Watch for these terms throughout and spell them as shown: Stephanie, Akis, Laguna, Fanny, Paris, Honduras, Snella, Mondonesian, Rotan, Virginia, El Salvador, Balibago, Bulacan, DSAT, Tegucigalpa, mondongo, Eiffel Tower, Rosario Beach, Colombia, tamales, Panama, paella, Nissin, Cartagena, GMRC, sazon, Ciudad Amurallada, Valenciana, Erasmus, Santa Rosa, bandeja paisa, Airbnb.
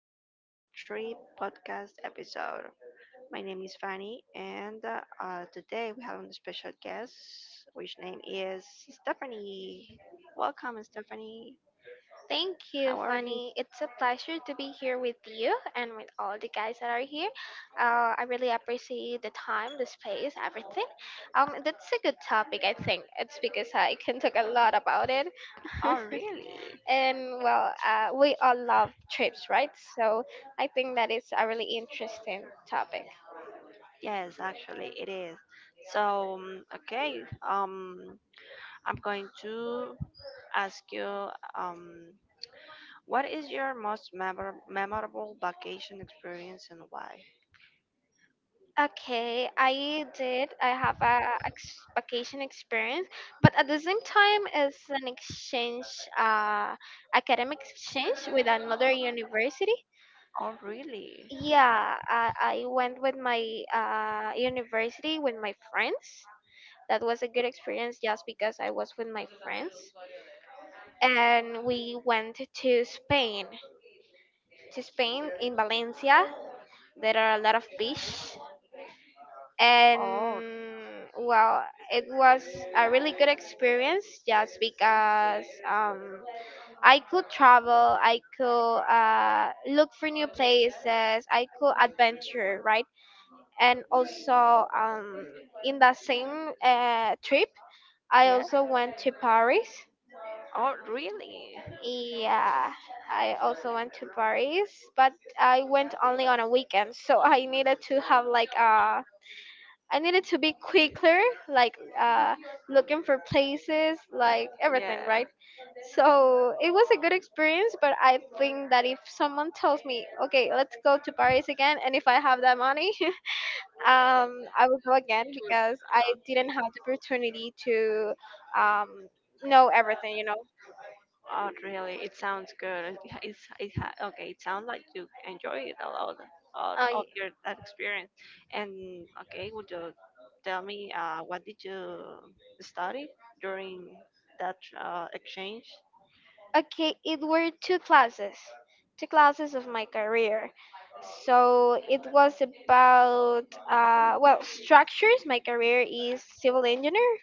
welcome to our trip podcast episode. My name is Fanny, and today we have a special guest, which name is Stephanie. Welcome, Stephanie. Thank you, How are you? Fanny. It's a pleasure to be here with you and with all the guys that are here. I really appreciate the time, the space, everything. That's a good topic, I think. It's because I can talk a lot about it. Oh, really? And well, we all love trips, right? So I think that is a really interesting topic. Yes, actually, it is. So, okay, um, I'm going to ask you, um, what is your most memorable vacation experience and why? Okay, I did. I have a vacation experience, but at the same time, it's an exchange, uh, academic exchange with another university. Oh, really? Yeah, I went with my university with my friends. That was a good experience just because I was with my friends, and we went to Spain. To Spain. In Valencia, there are a lot of beach. Oh. And well, it was a really good experience just because, I could travel, I could look for new places, I could adventure, right? And also, in that same trip, I Yes. also went to Paris. Oh, really? Yeah, I also went to Paris, but I went only on a weekend. So I needed to have like a, I needed to be quicker, like, looking for places, like everything, Yeah. right? So it was a good experience, but I think that if someone tells me, okay, let's go to Paris again, and if I have that money, I will go again because I didn't have the opportunity to, um, know everything. Oh, really? It sounds good. It, it's it ha- Okay. It sounds like you enjoy it a lot Uh, of your that experience. And okay, would you tell me what did you study during that exchange? Okay, it were two classes, of my career. So it was about, well, structures. My career is civil engineer,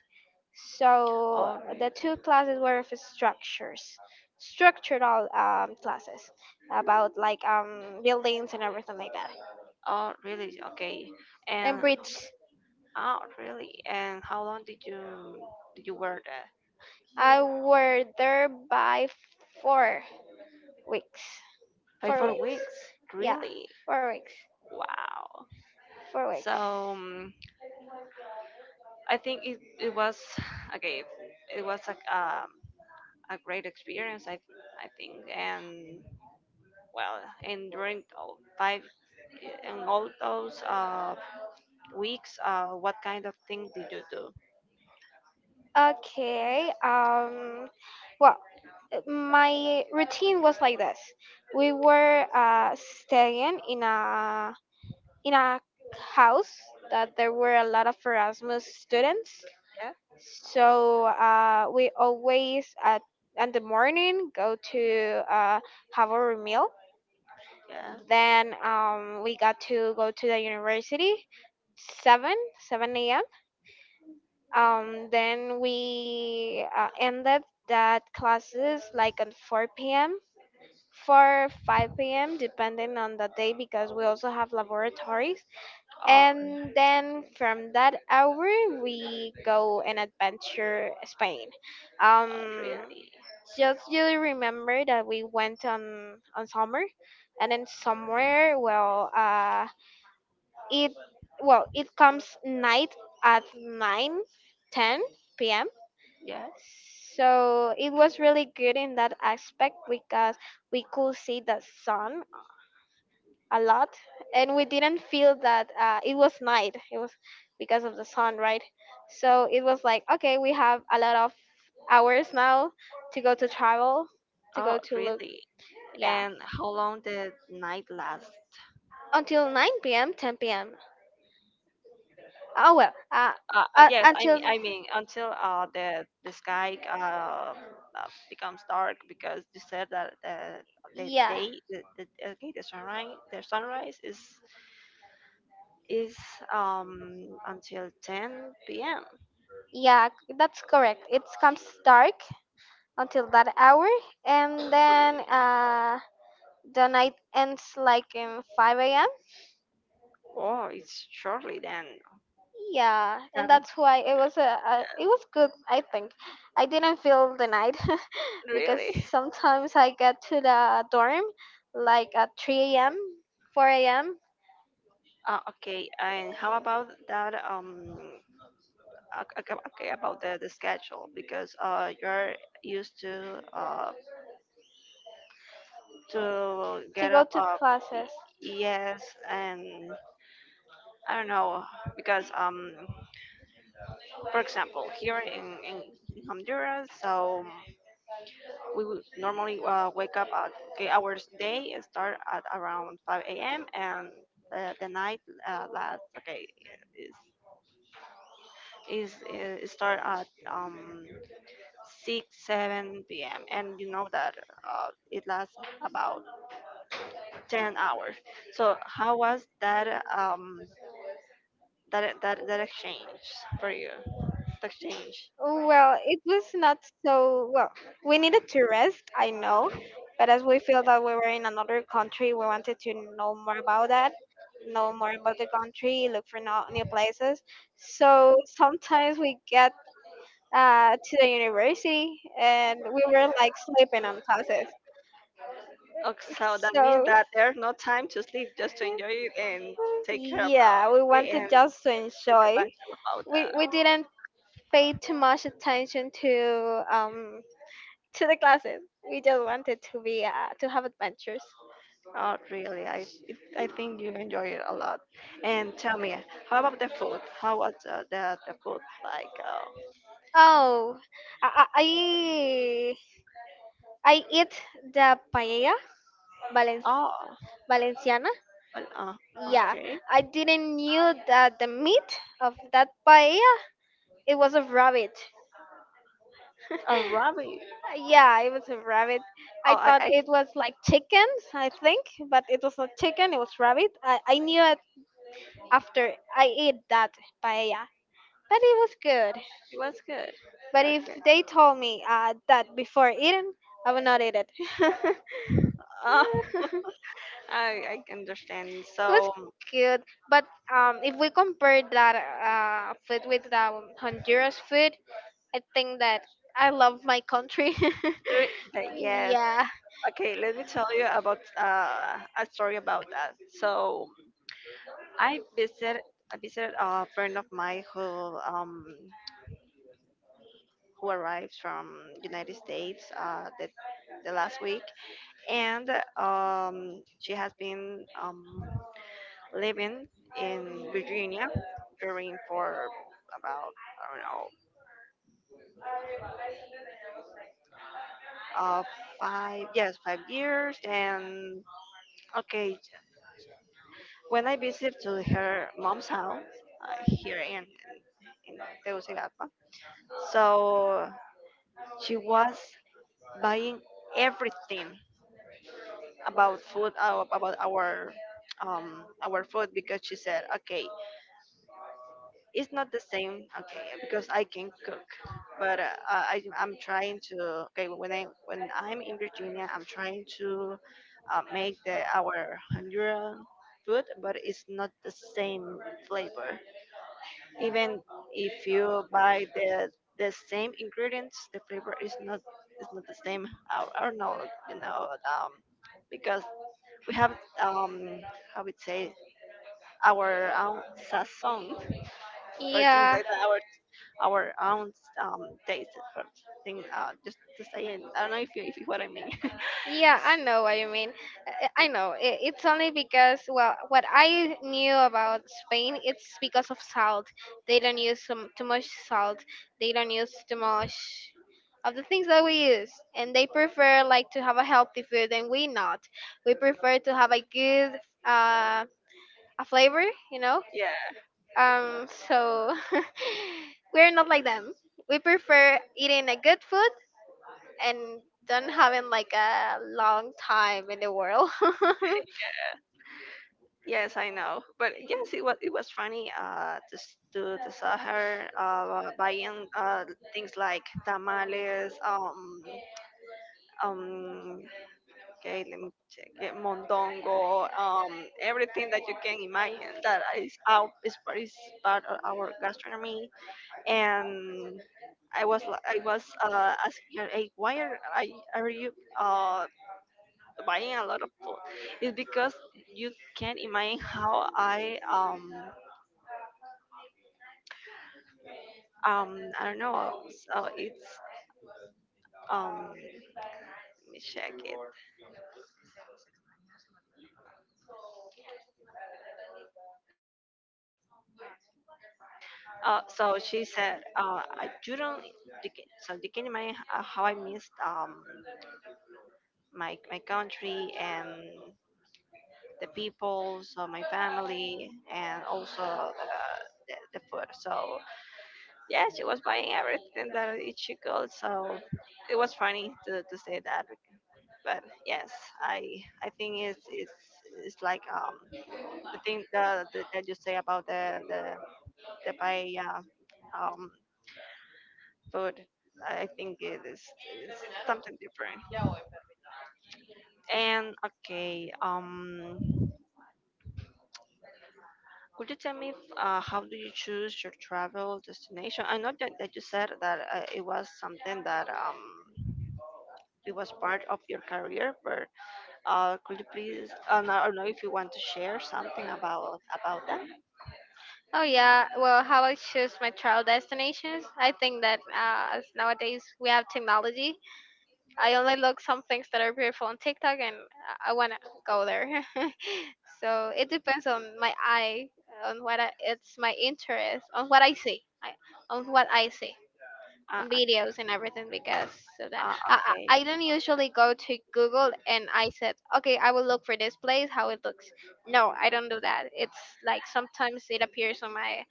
so Oh, really? the two classes were of structures, structural classes about, like, buildings and everything like that. Oh, really? Okay. And And bridge. Oh, really? And how long did you wear that? I were there by 4 weeks, Five, four four weeks, weeks? Yeah, Really? 4 weeks, Wow. 4 weeks. So I think it was okay. It was a great experience. I think and well, and during all five and all those weeks, what kind of thing did you do? Okay. Well, my routine was like this. We were staying in a house that there were a lot of Erasmus students. Yeah. So, we always at in the morning go to have our meal. Yeah. Then, we got to go to the university seven seven a.m. Then we ended that classes like at 4 p.m., 4 5 p.m., depending on the day because we also have laboratories. Oh. And then from that hour we go and Okay. adventure Spain. Oh, Um, really? just, you remember that we went on summer, and then somewhere, well, it it comes night at 9, 10 p.m. Yes. So it was really good in that aspect because we could see the sun a lot, and we didn't feel that, it was night. It was because of the sun, right? So it was like, okay, we have a lot of hours now to go to travel, to go Oh, to look. really? Yeah, And how long did night last? until 9 p.m., 10 p.m. Oh well, Yes, I until, mean, I mean, until the sky becomes dark because you said that the yeah, day the okay the sunrise is until 10 p.m. yeah, that's correct. It comes dark until that hour, and then the night ends like in 5 a.m. Oh, it's shortly then. Yeah, Then and that's why it was good, I think. I didn't feel the night because really? sometimes I get to the dorm like at 3 a.m., 4 a.m., Okay. And how about that? Okay, about the schedule, because you're used to to get go up to y- classes. yes, and I don't know, because for example, here in Honduras, so we would normally wake up at okay hours day, and start at around 5 a.m., and the night last okay is is start at 6, 7 p.m., and you know that it lasts about 10 hours. So how was that that exchange for you, the exchange? Oh, well, it was not so well. We needed to rest, I know, but as we feel that we were in another country, we wanted to know more about that, know more about the country, look for no, new places. So sometimes we get, to the university and we were like sleeping on classes. Okay, so that So, means that there's no time to sleep, just to enjoy it and take care of yeah, we it and wanted just to take enjoy. advantage about We that. we didn't pay too much attention to, to the classes. We just wanted to have adventures. Oh, really? I think you enjoy it a lot. And tell me, how about the food? How was the food like? Oh, I I, I I eat the paella Valen- Oh, Valenciana. well, Yeah, okay. I didn't knew that the meat of that paella it was a rabbit. A rabbit. Yeah, it was a rabbit. I Oh, thought I it was like chicken, I think, but it was not chicken. It was rabbit. I knew it after I ate that paella, but it was good. it was good. But if Okay. they told me, that before eating, I would not eat it. Uh, It I understand. was So, good, but, if we compare that food with, Honduras food, I think that I love my country. Yes. Yeah. Okay, let me tell you about a story about that. So, I visited I visited a friend of mine who arrived from United States the last week, and she has been living in Virginia during for about I don't know uh five, yes, 5 years. And okay, when I visit to her mom's house here in Tegucigalpa, so she was buying everything about food, about our food, because she said, okay, it's not the same, okay, because I can cook, but I'm trying to, okay, when I'm in Virginia, I'm trying to make the our Honduran food, but it's not the same flavor, even if you buy the same ingredients, the flavor is not the same, I don't know, you know um because we have, um how would say, our own sazon for things Yeah. like that, our own taste for thing. Just to say, and I don't know if you what I mean. Yeah, I know what you mean. I know. It's only because, well, what I knew about Spain, it's because of salt. They don't use too much salt. They don't use too much of the things that we use. And they prefer, like, to have a healthy food, and we not. We prefer to have a good, a flavor, you know? Yeah. So we're not like them. We prefer eating a good food and don't having like a long time in the world. Yes, I know. But yes, it was funny to s- to saw her buying things like tamales, um, okay, let me check, it, mondongo, everything that you can imagine that is out is part of our gastronomy. And I was asking her, hey, why are I are you uh, buying a lot of food? It's because you can't imagine how I don't know. So it's let me check it. So she said, you don't. You can, so you can imagine how I missed my country and the people, so my family, and also the food. So yeah, she was buying everything that she could. So it was funny to say that. But yes, I think it's like the thing that you say about the paella um food. I think it's something different. And okay, could you tell me how do you choose your travel destination? I know that you said that it was something that it was part of your career, but could you please? No, I don't know if you want to share something about that. Oh, yeah. Well, how I choose my travel destinations? I think that, as nowadays we have technology. I only look some things that are beautiful on TikTok, and I want to go there. So it depends on my eye, on what I, it's my interest, on what I see, on what I see. Uh, And uh, videos and everything because of that. I, okay, I I don't usually go to Google and I said, okay, I will look for this place, how it looks. No, I don't do that. It's like sometimes it appears on my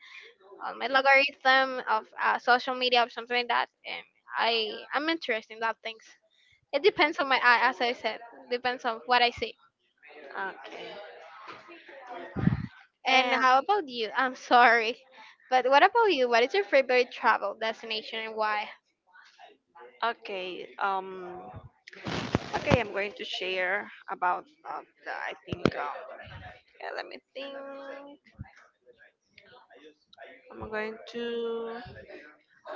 on my logarithm of, social media or something like that, and I'm interested in that things. It depends on my eye, as I said, depends on what I see. okay, And and how about you? I'm sorry, but what about you? What is your favorite travel destination and why? okay. Okay, I'm going to share about. I think. Yeah, let me think. I'm going to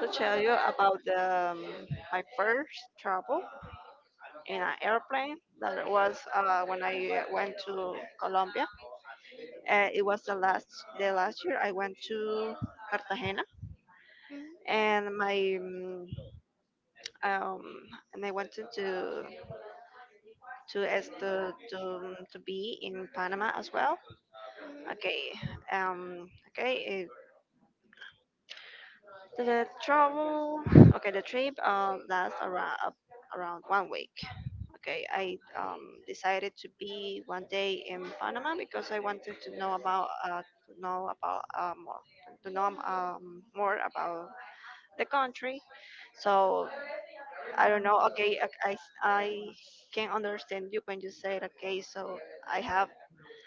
to tell you about my first travel in an airplane. That was when I went to Colombia. It was the last year I went to Cartagena. Mhm, And um and I wanted to be in Panama as well. mhm. Okay, okay, it, the travel. Okay, the trip lasts around 1 week. Okay, I decided to be 1 day in Panama, because I wanted to know about more to know more about the country. So I don't know. Okay, I can understand you when you said, okay, so I have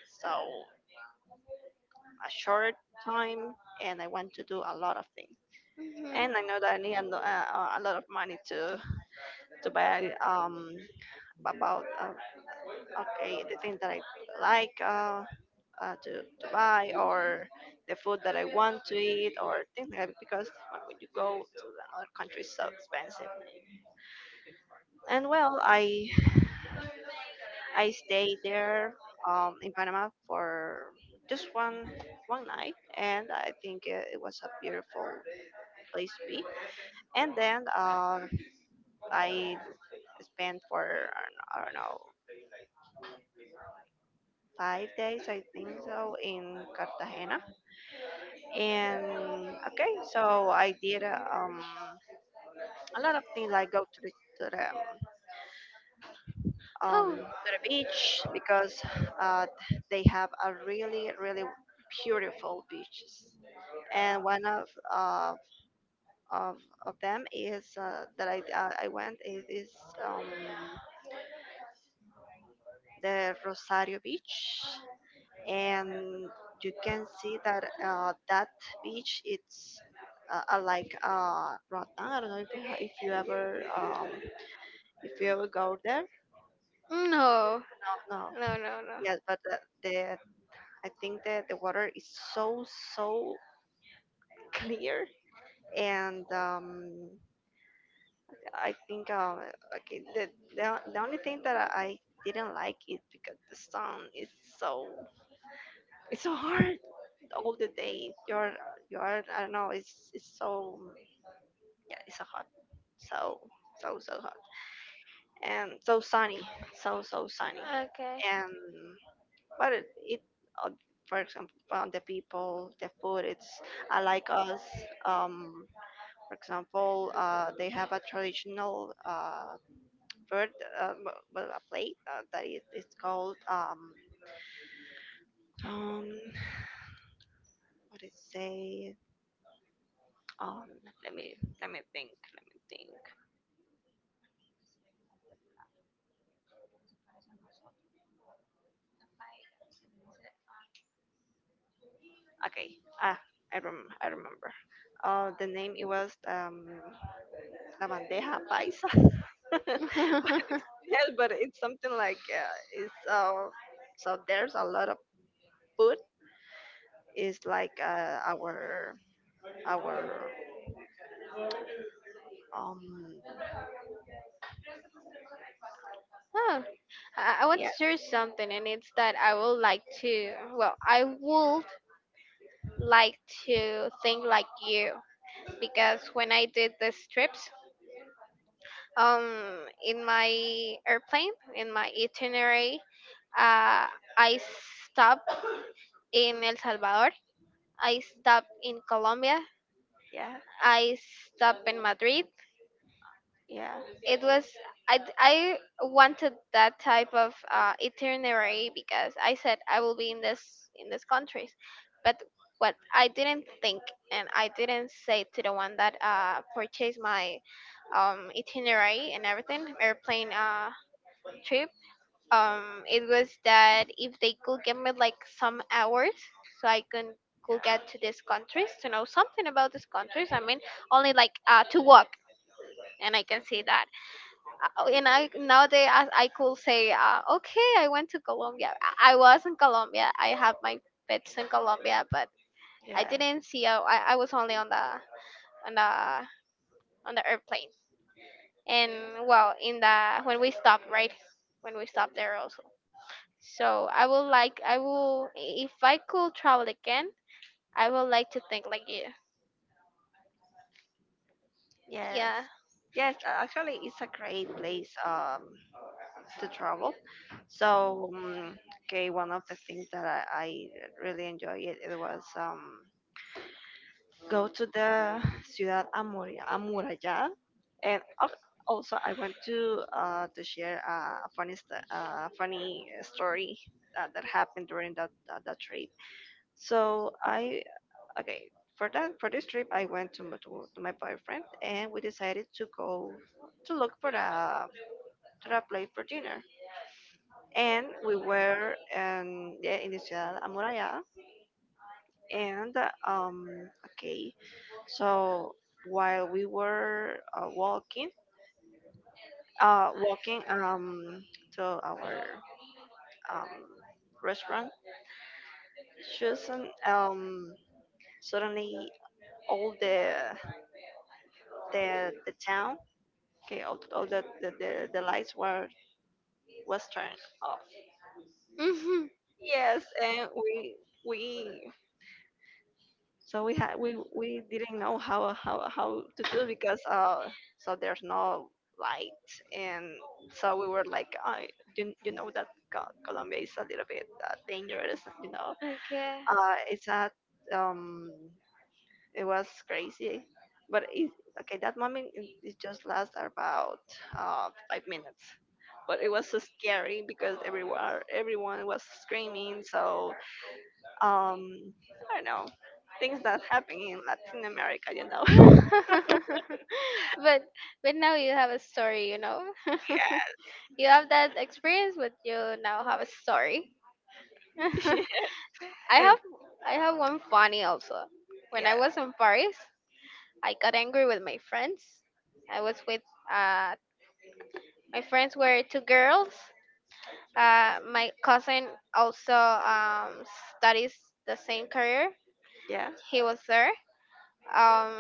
so a short time and I want to do a lot of things. Mhm. And I know that I need a lot of money to buy about, okay, the things that I like, to buy, or the food that I want to eat, or things like that, because when you go to another country, it's so expensive. And well, I stayed there, in Panama, for just one night, and I think it, it was a beautiful place to be. And then I spent for I don't know 5 days, I think so, in Cartagena. And okay, so I did a lot of things. I go to the um, Oh. to the beach, because uh, they have a really really beautiful beaches, and one of of, of them is, that I, went, is um, the Rosario Beach. And you can see that that beach it's, like Rotan. I don't know if if you ever, if you ever go there. No, No, no, no, no. yes, but the I think that the water is so, so clear. And I think, okay, the, the only thing that I didn't like is because the song is so it's so hard all the day. You're I don't know it's so, yeah, it's so hot, so so so hot, and so sunny, so so sunny. Okay. And but it uh, for example, the people, the food, it's I like us, um for example they have a traditional bird, uh, m- well, a plate that is it's called, um what is say, um let me think, let me think okay, ah I remember the name, it was la bandeja paisa. But yeah, but it's something like, it's so there's a lot of food. It's like our um Oh, I want to yeah, share something, and it's that I would like to. Well, I would like to think like you. Because when I did the trips, um, in my airplane, in my itinerary, uh, I stopped in El Salvador, I stopped in Colombia, yeah, I stopped in Madrid. yeah, It was, I wanted that type of itinerary because I said I will be in this in these countries, but what I didn't think and I didn't say to the one that, purchased my, itinerary and everything, airplane, trip, it was that if they could give me like some hours so I can could get to these countries to know something about these countries, I mean, only like, to walk and I can see that, and I nowadays I could say, okay, I went to Colombia. I was in Colombia. I had my pets in Colombia, but I yeah. didn't see. I was only on on the the airplane. And well, in the when we stopped, right? When we stopped there also. So I will like, I will, if I could travel again, I would like to think like you. Yes. Yeah. Yes, actually, it's a great place to travel. So, okay, one of the things that I really enjoyed it, it was go to the Ciudad Amurallada, and also I want to share a funny story that, that happened during that, that, that trip. So I okay for that for this trip I went to, my boyfriend, and we decided to go to look for a Ra played for dinner. And we were in, yeah, in the Ciudad Amurallada. And um, okay, so while we were walking, to our um, restaurant, Susan, suddenly all the town, okay, all the lights were was turned off. Mhm. Yes, and we so we had we didn't know how to do, because so there's no light. And so we were like, I you know that Co- Colombia is a little bit dangerous, you know Okay. It's a um it was crazy, but okay, that moment it just lasts about 5 minutes, but it was so scary because everywhere everyone was screaming. So um I don't know, things that happen in Latin America. but but now you have a story. You have that experience, but you now have a story. Yeah. I have And I have one funny also. When I yeah, was in Paris, I got angry with my friends. I was with, uh my friends were two girls. My cousin also, studies the same career. yeah, He was there, um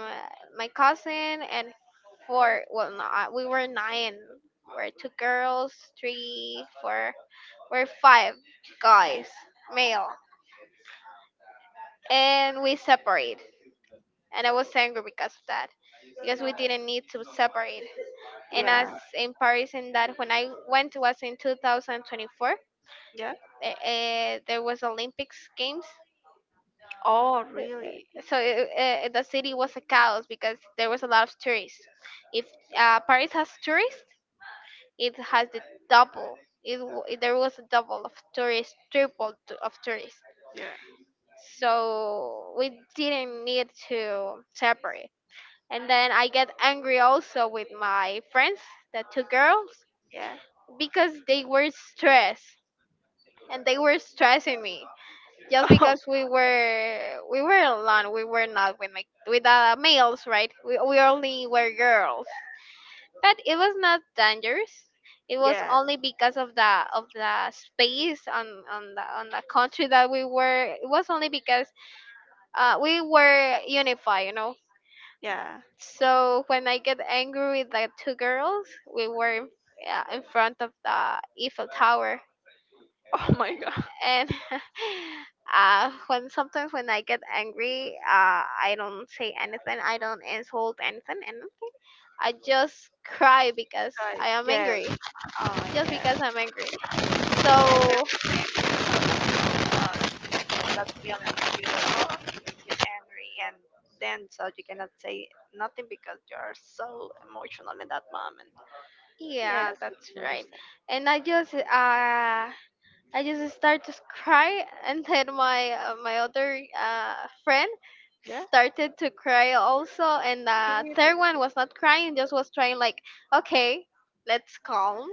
my cousin, and four well not we were nine. We're two girls, three, four. We're five guys, male, and we separate. And I was angry because of that, because we didn't need to separate. And as yeah, in Paris, in that, when I went was in 2024, yeah. uh, there was Olympics games. Oh, really? Uh, so, the city was a chaos because there was a lot of tourists. If, Paris has tourists, it has the double. It, w- it There was a double of tourists, of tourists. Yeah, So we didn't need to separate, and then I get angry also with my friends, the two girls, yeah. because they were stressed and they were stressing me, just Um, because we were alone. We were not with my, with the males, right? We only were girls. But it was not dangerous. It was, yes, yeah, only because of the space on on the country that we were. It was only because, we were unified, you know. yeah. So when I get angry with the two girls, we were, in front of the Eiffel Tower, Oh my God. and when sometimes when I get angry, I don't say anything. I don't insult anything, and I just cry because Right. I am, yeah, Yes. angry. Oh, Just yeah. because I'm angry. And then So, uh, that feeling that you are angry, and then so you cannot say nothing because you are so emotional in that moment. yeah, Yes, I that's can right. understand. And I just start to cry, and then my other friend started to cry also, and the Yeah. third one was not crying, just was trying, like, okay, let's calm.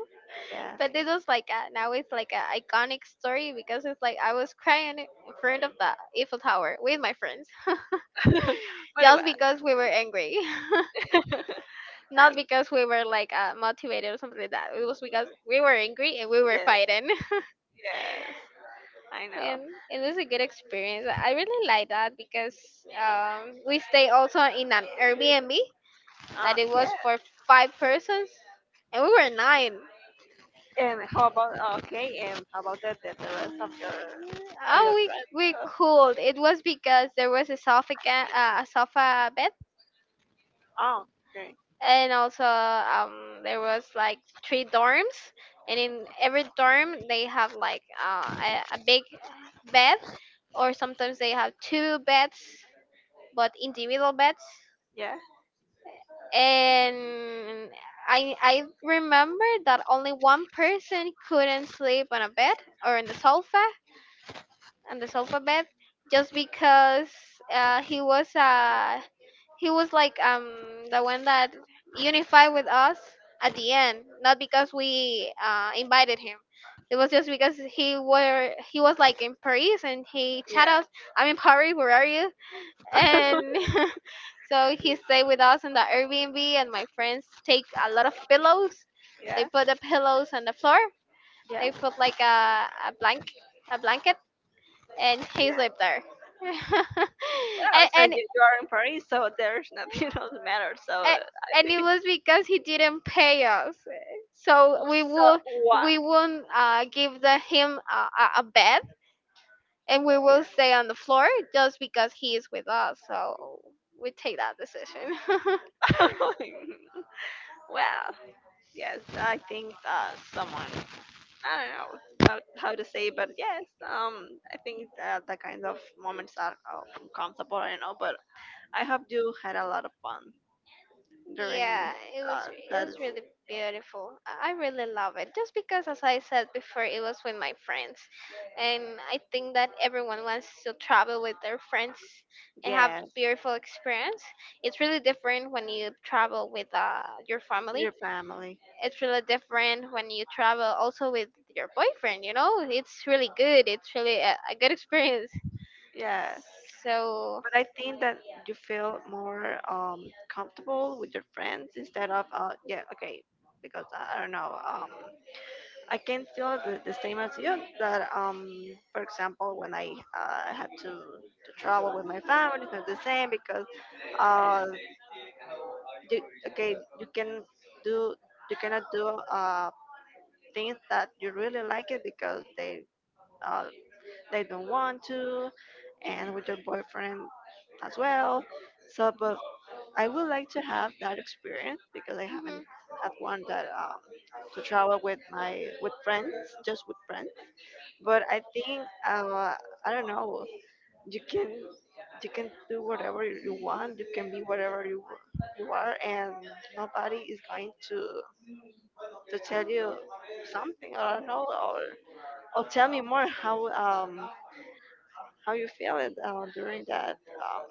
Yeah. But this was like a, now it's like an iconic story because it's like I was crying in front of the Eiffel Tower with my friends what do just because we were angry. Not Um, because we were like motivated or something like that. It was because we were angry and we were yes, fighting. yes, I know. And it was a good experience. I really like that because we stay also in an Airbnb that it was Yeah. for five persons, and we were nine. And how about okay? And how about the rest of your of Oh, your we friends? cooled. It was because there was a a sofa bed, Oh, okay. and also there was like three dorms, and in every dorm they have like a big bed, or sometimes they have two beds but individual beds. Yeah, And I remember that only one person couldn't sleep on a bed or on the sofa and the alphabet, just because uh, he was uh, he was like the one that unified with us at the end, not because we invited him. It was just because he was like in Paris and he chat yeah, us. I'm in Paris. Where are you? And so he stayed with us in the Airbnb. And my friends take a lot of pillows. They yeah, put the pillows on the floor. yeah, They put like a blank a blanket and he yeah. slept there. Well, and, so and you are in Paris, so there's nothing else matters. So a- I and it think was because he didn't pay us, so so. What? we won't give him a bed, and we will stay on the floor just because he is with us, so we take that decision. Yeah. Wow. Yes, I think someone I don't know how, how to say, but yes, I think that the kind of moments are uncomfortable. I know, but I hope you had a lot of fun during Yeah, it was it that. was really beautiful. I really love it just because, as I said before, it was with my friends, and I think that everyone wants to travel with their friends and have Yes, beautiful experience. It's really different when you travel with your with family. your family. It's really different when you travel also with your boyfriend. You know, it's really good. It's really a good experience. Yeah, So. but I think that you feel more comfortable with your friends instead of yeah okay because I don't know I can feel the same as you that for example when I had to travel with my family it's not the same because uh you, okay you can do you cannot do things that you really like it because uh they don't want to and with your boyfriend as well so but I would like to have that experience because I haven't had one that to travel with my with friends just with friends. But I think I don't know. You can you can do whatever you want. You can be whatever you are, and nobody is going to tell you something. I don't know, or tell me more how you feel it during that um,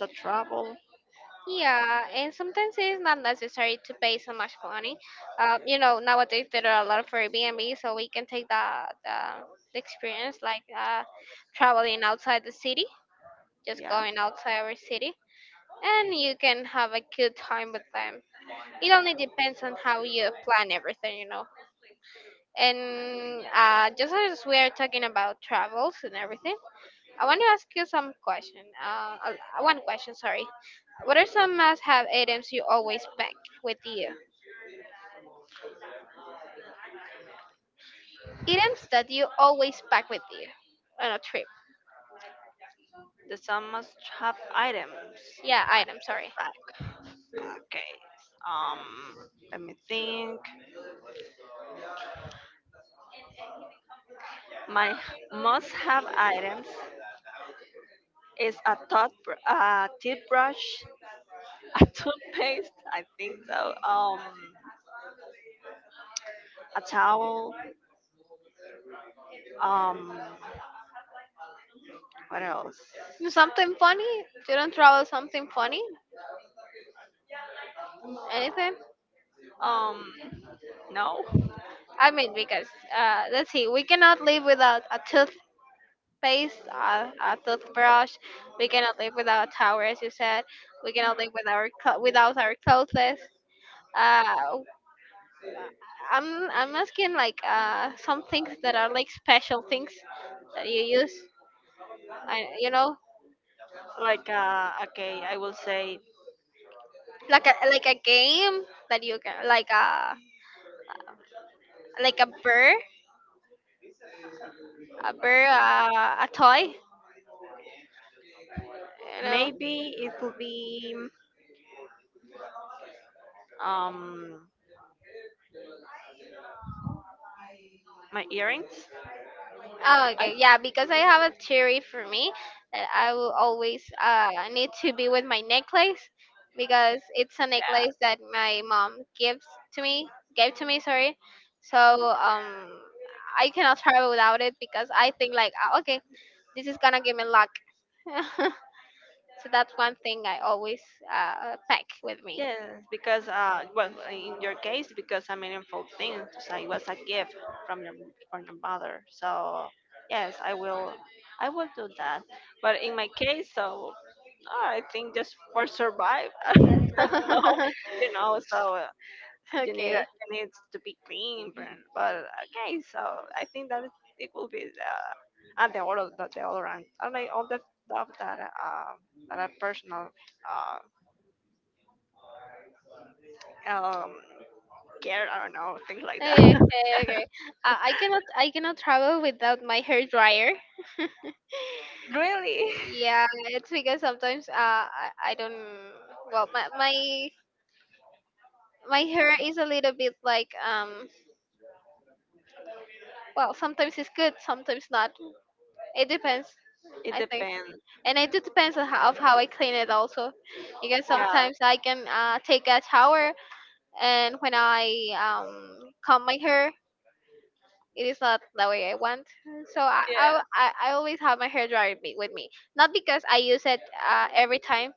the travel. Yeah, and sometimes it is not necessary to pay so much money. You know, nowadays there are a lot of Airbnb, so we can take the, the experience like traveling outside the city, just Yeah. going outside our city, and you can have a good time with them. It only depends on how you plan everything, you know. And just as we are talking about travels and everything, I want to ask you some question. One question, sorry. What are some must-have items you always pack with you? Items that you always pack with you on a trip. The some must have items. Yeah, My items. Sorry. backpack case. Let me think. My must have items is a tooth, a toothbrush, a toothpaste. I think so. A towel. Um, what else? Something funny? You don't travel something funny? Anything? Um, no. I mean, because let's see, we cannot live without a toothpaste, a toothbrush. We cannot live without a towel, as you said. We cannot live without our without our clothes. Uh, I'm asking like some things that are like special things that you use, you know, Like, okay, I will say like a game that you can, like a burr, a burr, a toy. You know. maybe it will be um my earrings. Oh, I okay. Yeah, because I have a theory for me that I will always need to be with my necklace because it's a necklace yeah. that my mom gives to me, gave to me. Sorry. So um. I cannot travel without it because I think like "Ah, okay, this is gonna give me luck." So that's one thing I always pack with me. Yes, because well, in your case, because a meaningful thing, so it was a gift from your from your mother. So yes, I will do that. But in my case, so I think just for survive, I don't know, Okay. you know. So you need Okay. you need to be clean, but okay. So I think that it will be the and the all around, and like all the stuff that that are personal uh um scared. I don't know, things like Okay. that. Okay. I cannot. I cannot travel without my hair dryer. Really, Yeah, it's because sometimes I don't. Well, my hair is a little bit like Well, sometimes it's good, sometimes not. It depends. it I think, depends. and it do depends on how, of how I clean it also, because Yeah, sometimes I can take a shower, and when I comb my hair, it is not the way I want. So I always have my with me, not because I use it every time.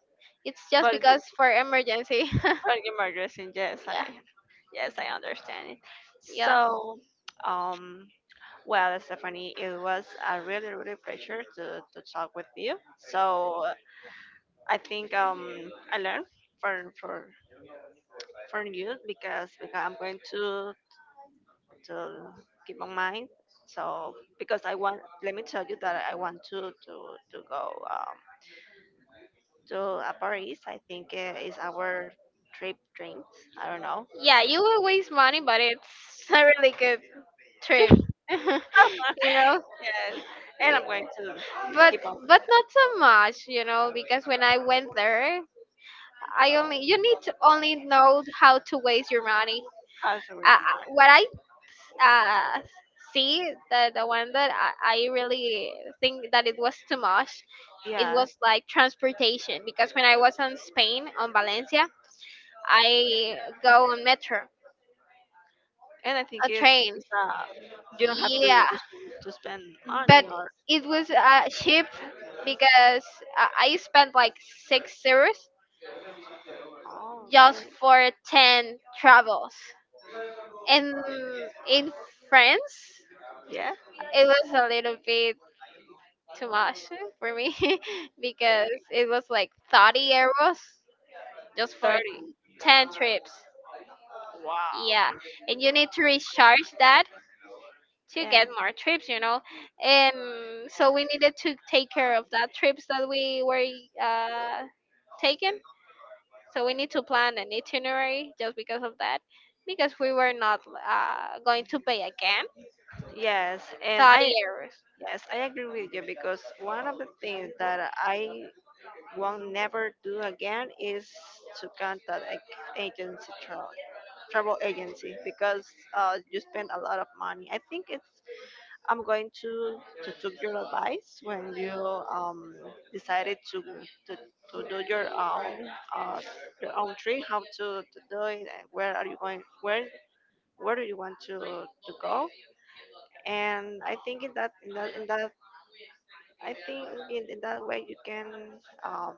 It's yeah. just But it- because for emergency. but are my dressing, Yeah, yes I understand it. yeah, So, um, well, Stephanie, it was a really really pleasure to talk with you. So I think I learned for for for you because I'm going to keep my mind. So because I want, let me tell you that I want to go. To Paris. I think is our trip dreams. I don't know. yeah. You will waste money, but it's a really good trip. You know, Yes, and I'm going to but keep on but not so much. You know, because when I went there, I only you need to only know how to waste your money. hustling with uh, the mark. what I uh, see, the one that I really think that it was too much, it Yes. was like transportation. Because when I was on Spain, on Valencia, I go on metro, And I think a train. it's you don't have to Yeah, to spend, to spend but money or it was cheap because I spent like €6 oh just really? for 10 travels. And in France, Yeah, it was a little bit too much for me because it was like 30 euros just for 30. 10 trips. Yeah, and you need to recharge that to Yeah, get more trips, you know. And so we needed to take care of that trips that we were uh, taken. So we need to plan an itinerary just because of that, because we were not going to pay again yes and 30 I euros. yes I agree with you because one of the things that I won't never do again is to contact a agency travel travel agency because you spend a lot of money. I think it's I'm going to take your advice when you um, decided to to do uh, your own trip, how to do it, and where are you going, where do you want to go, and I think in that in that I think in that way um,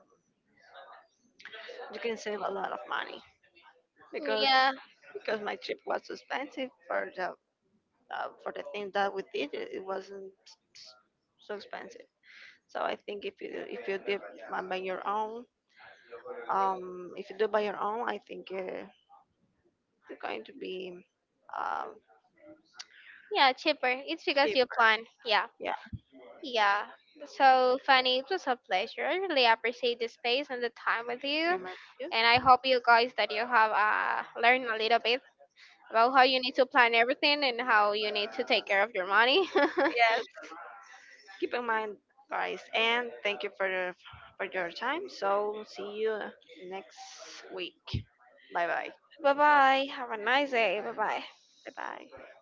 you can save a lot of money. because Yeah, because my trip was expensive for the thing that we did. It wasn't s- s- so expensive. So I think if you do by your own, if you do by your own, I think you're going to be um yeah, cheaper. It's because cheaper. you plan. Yeah. Yeah, Yeah, so Fanny, it was a pleasure. I really appreciate the space and the time with you, same as you. and I hope you guys that you have learned a little bit about how you need to plan everything and how you need to take care of your money. Yes, keep in mind, guys, and thank you for your time. So see you next week. Bye bye. Bye bye. Have a nice day. Bye bye. Bye bye.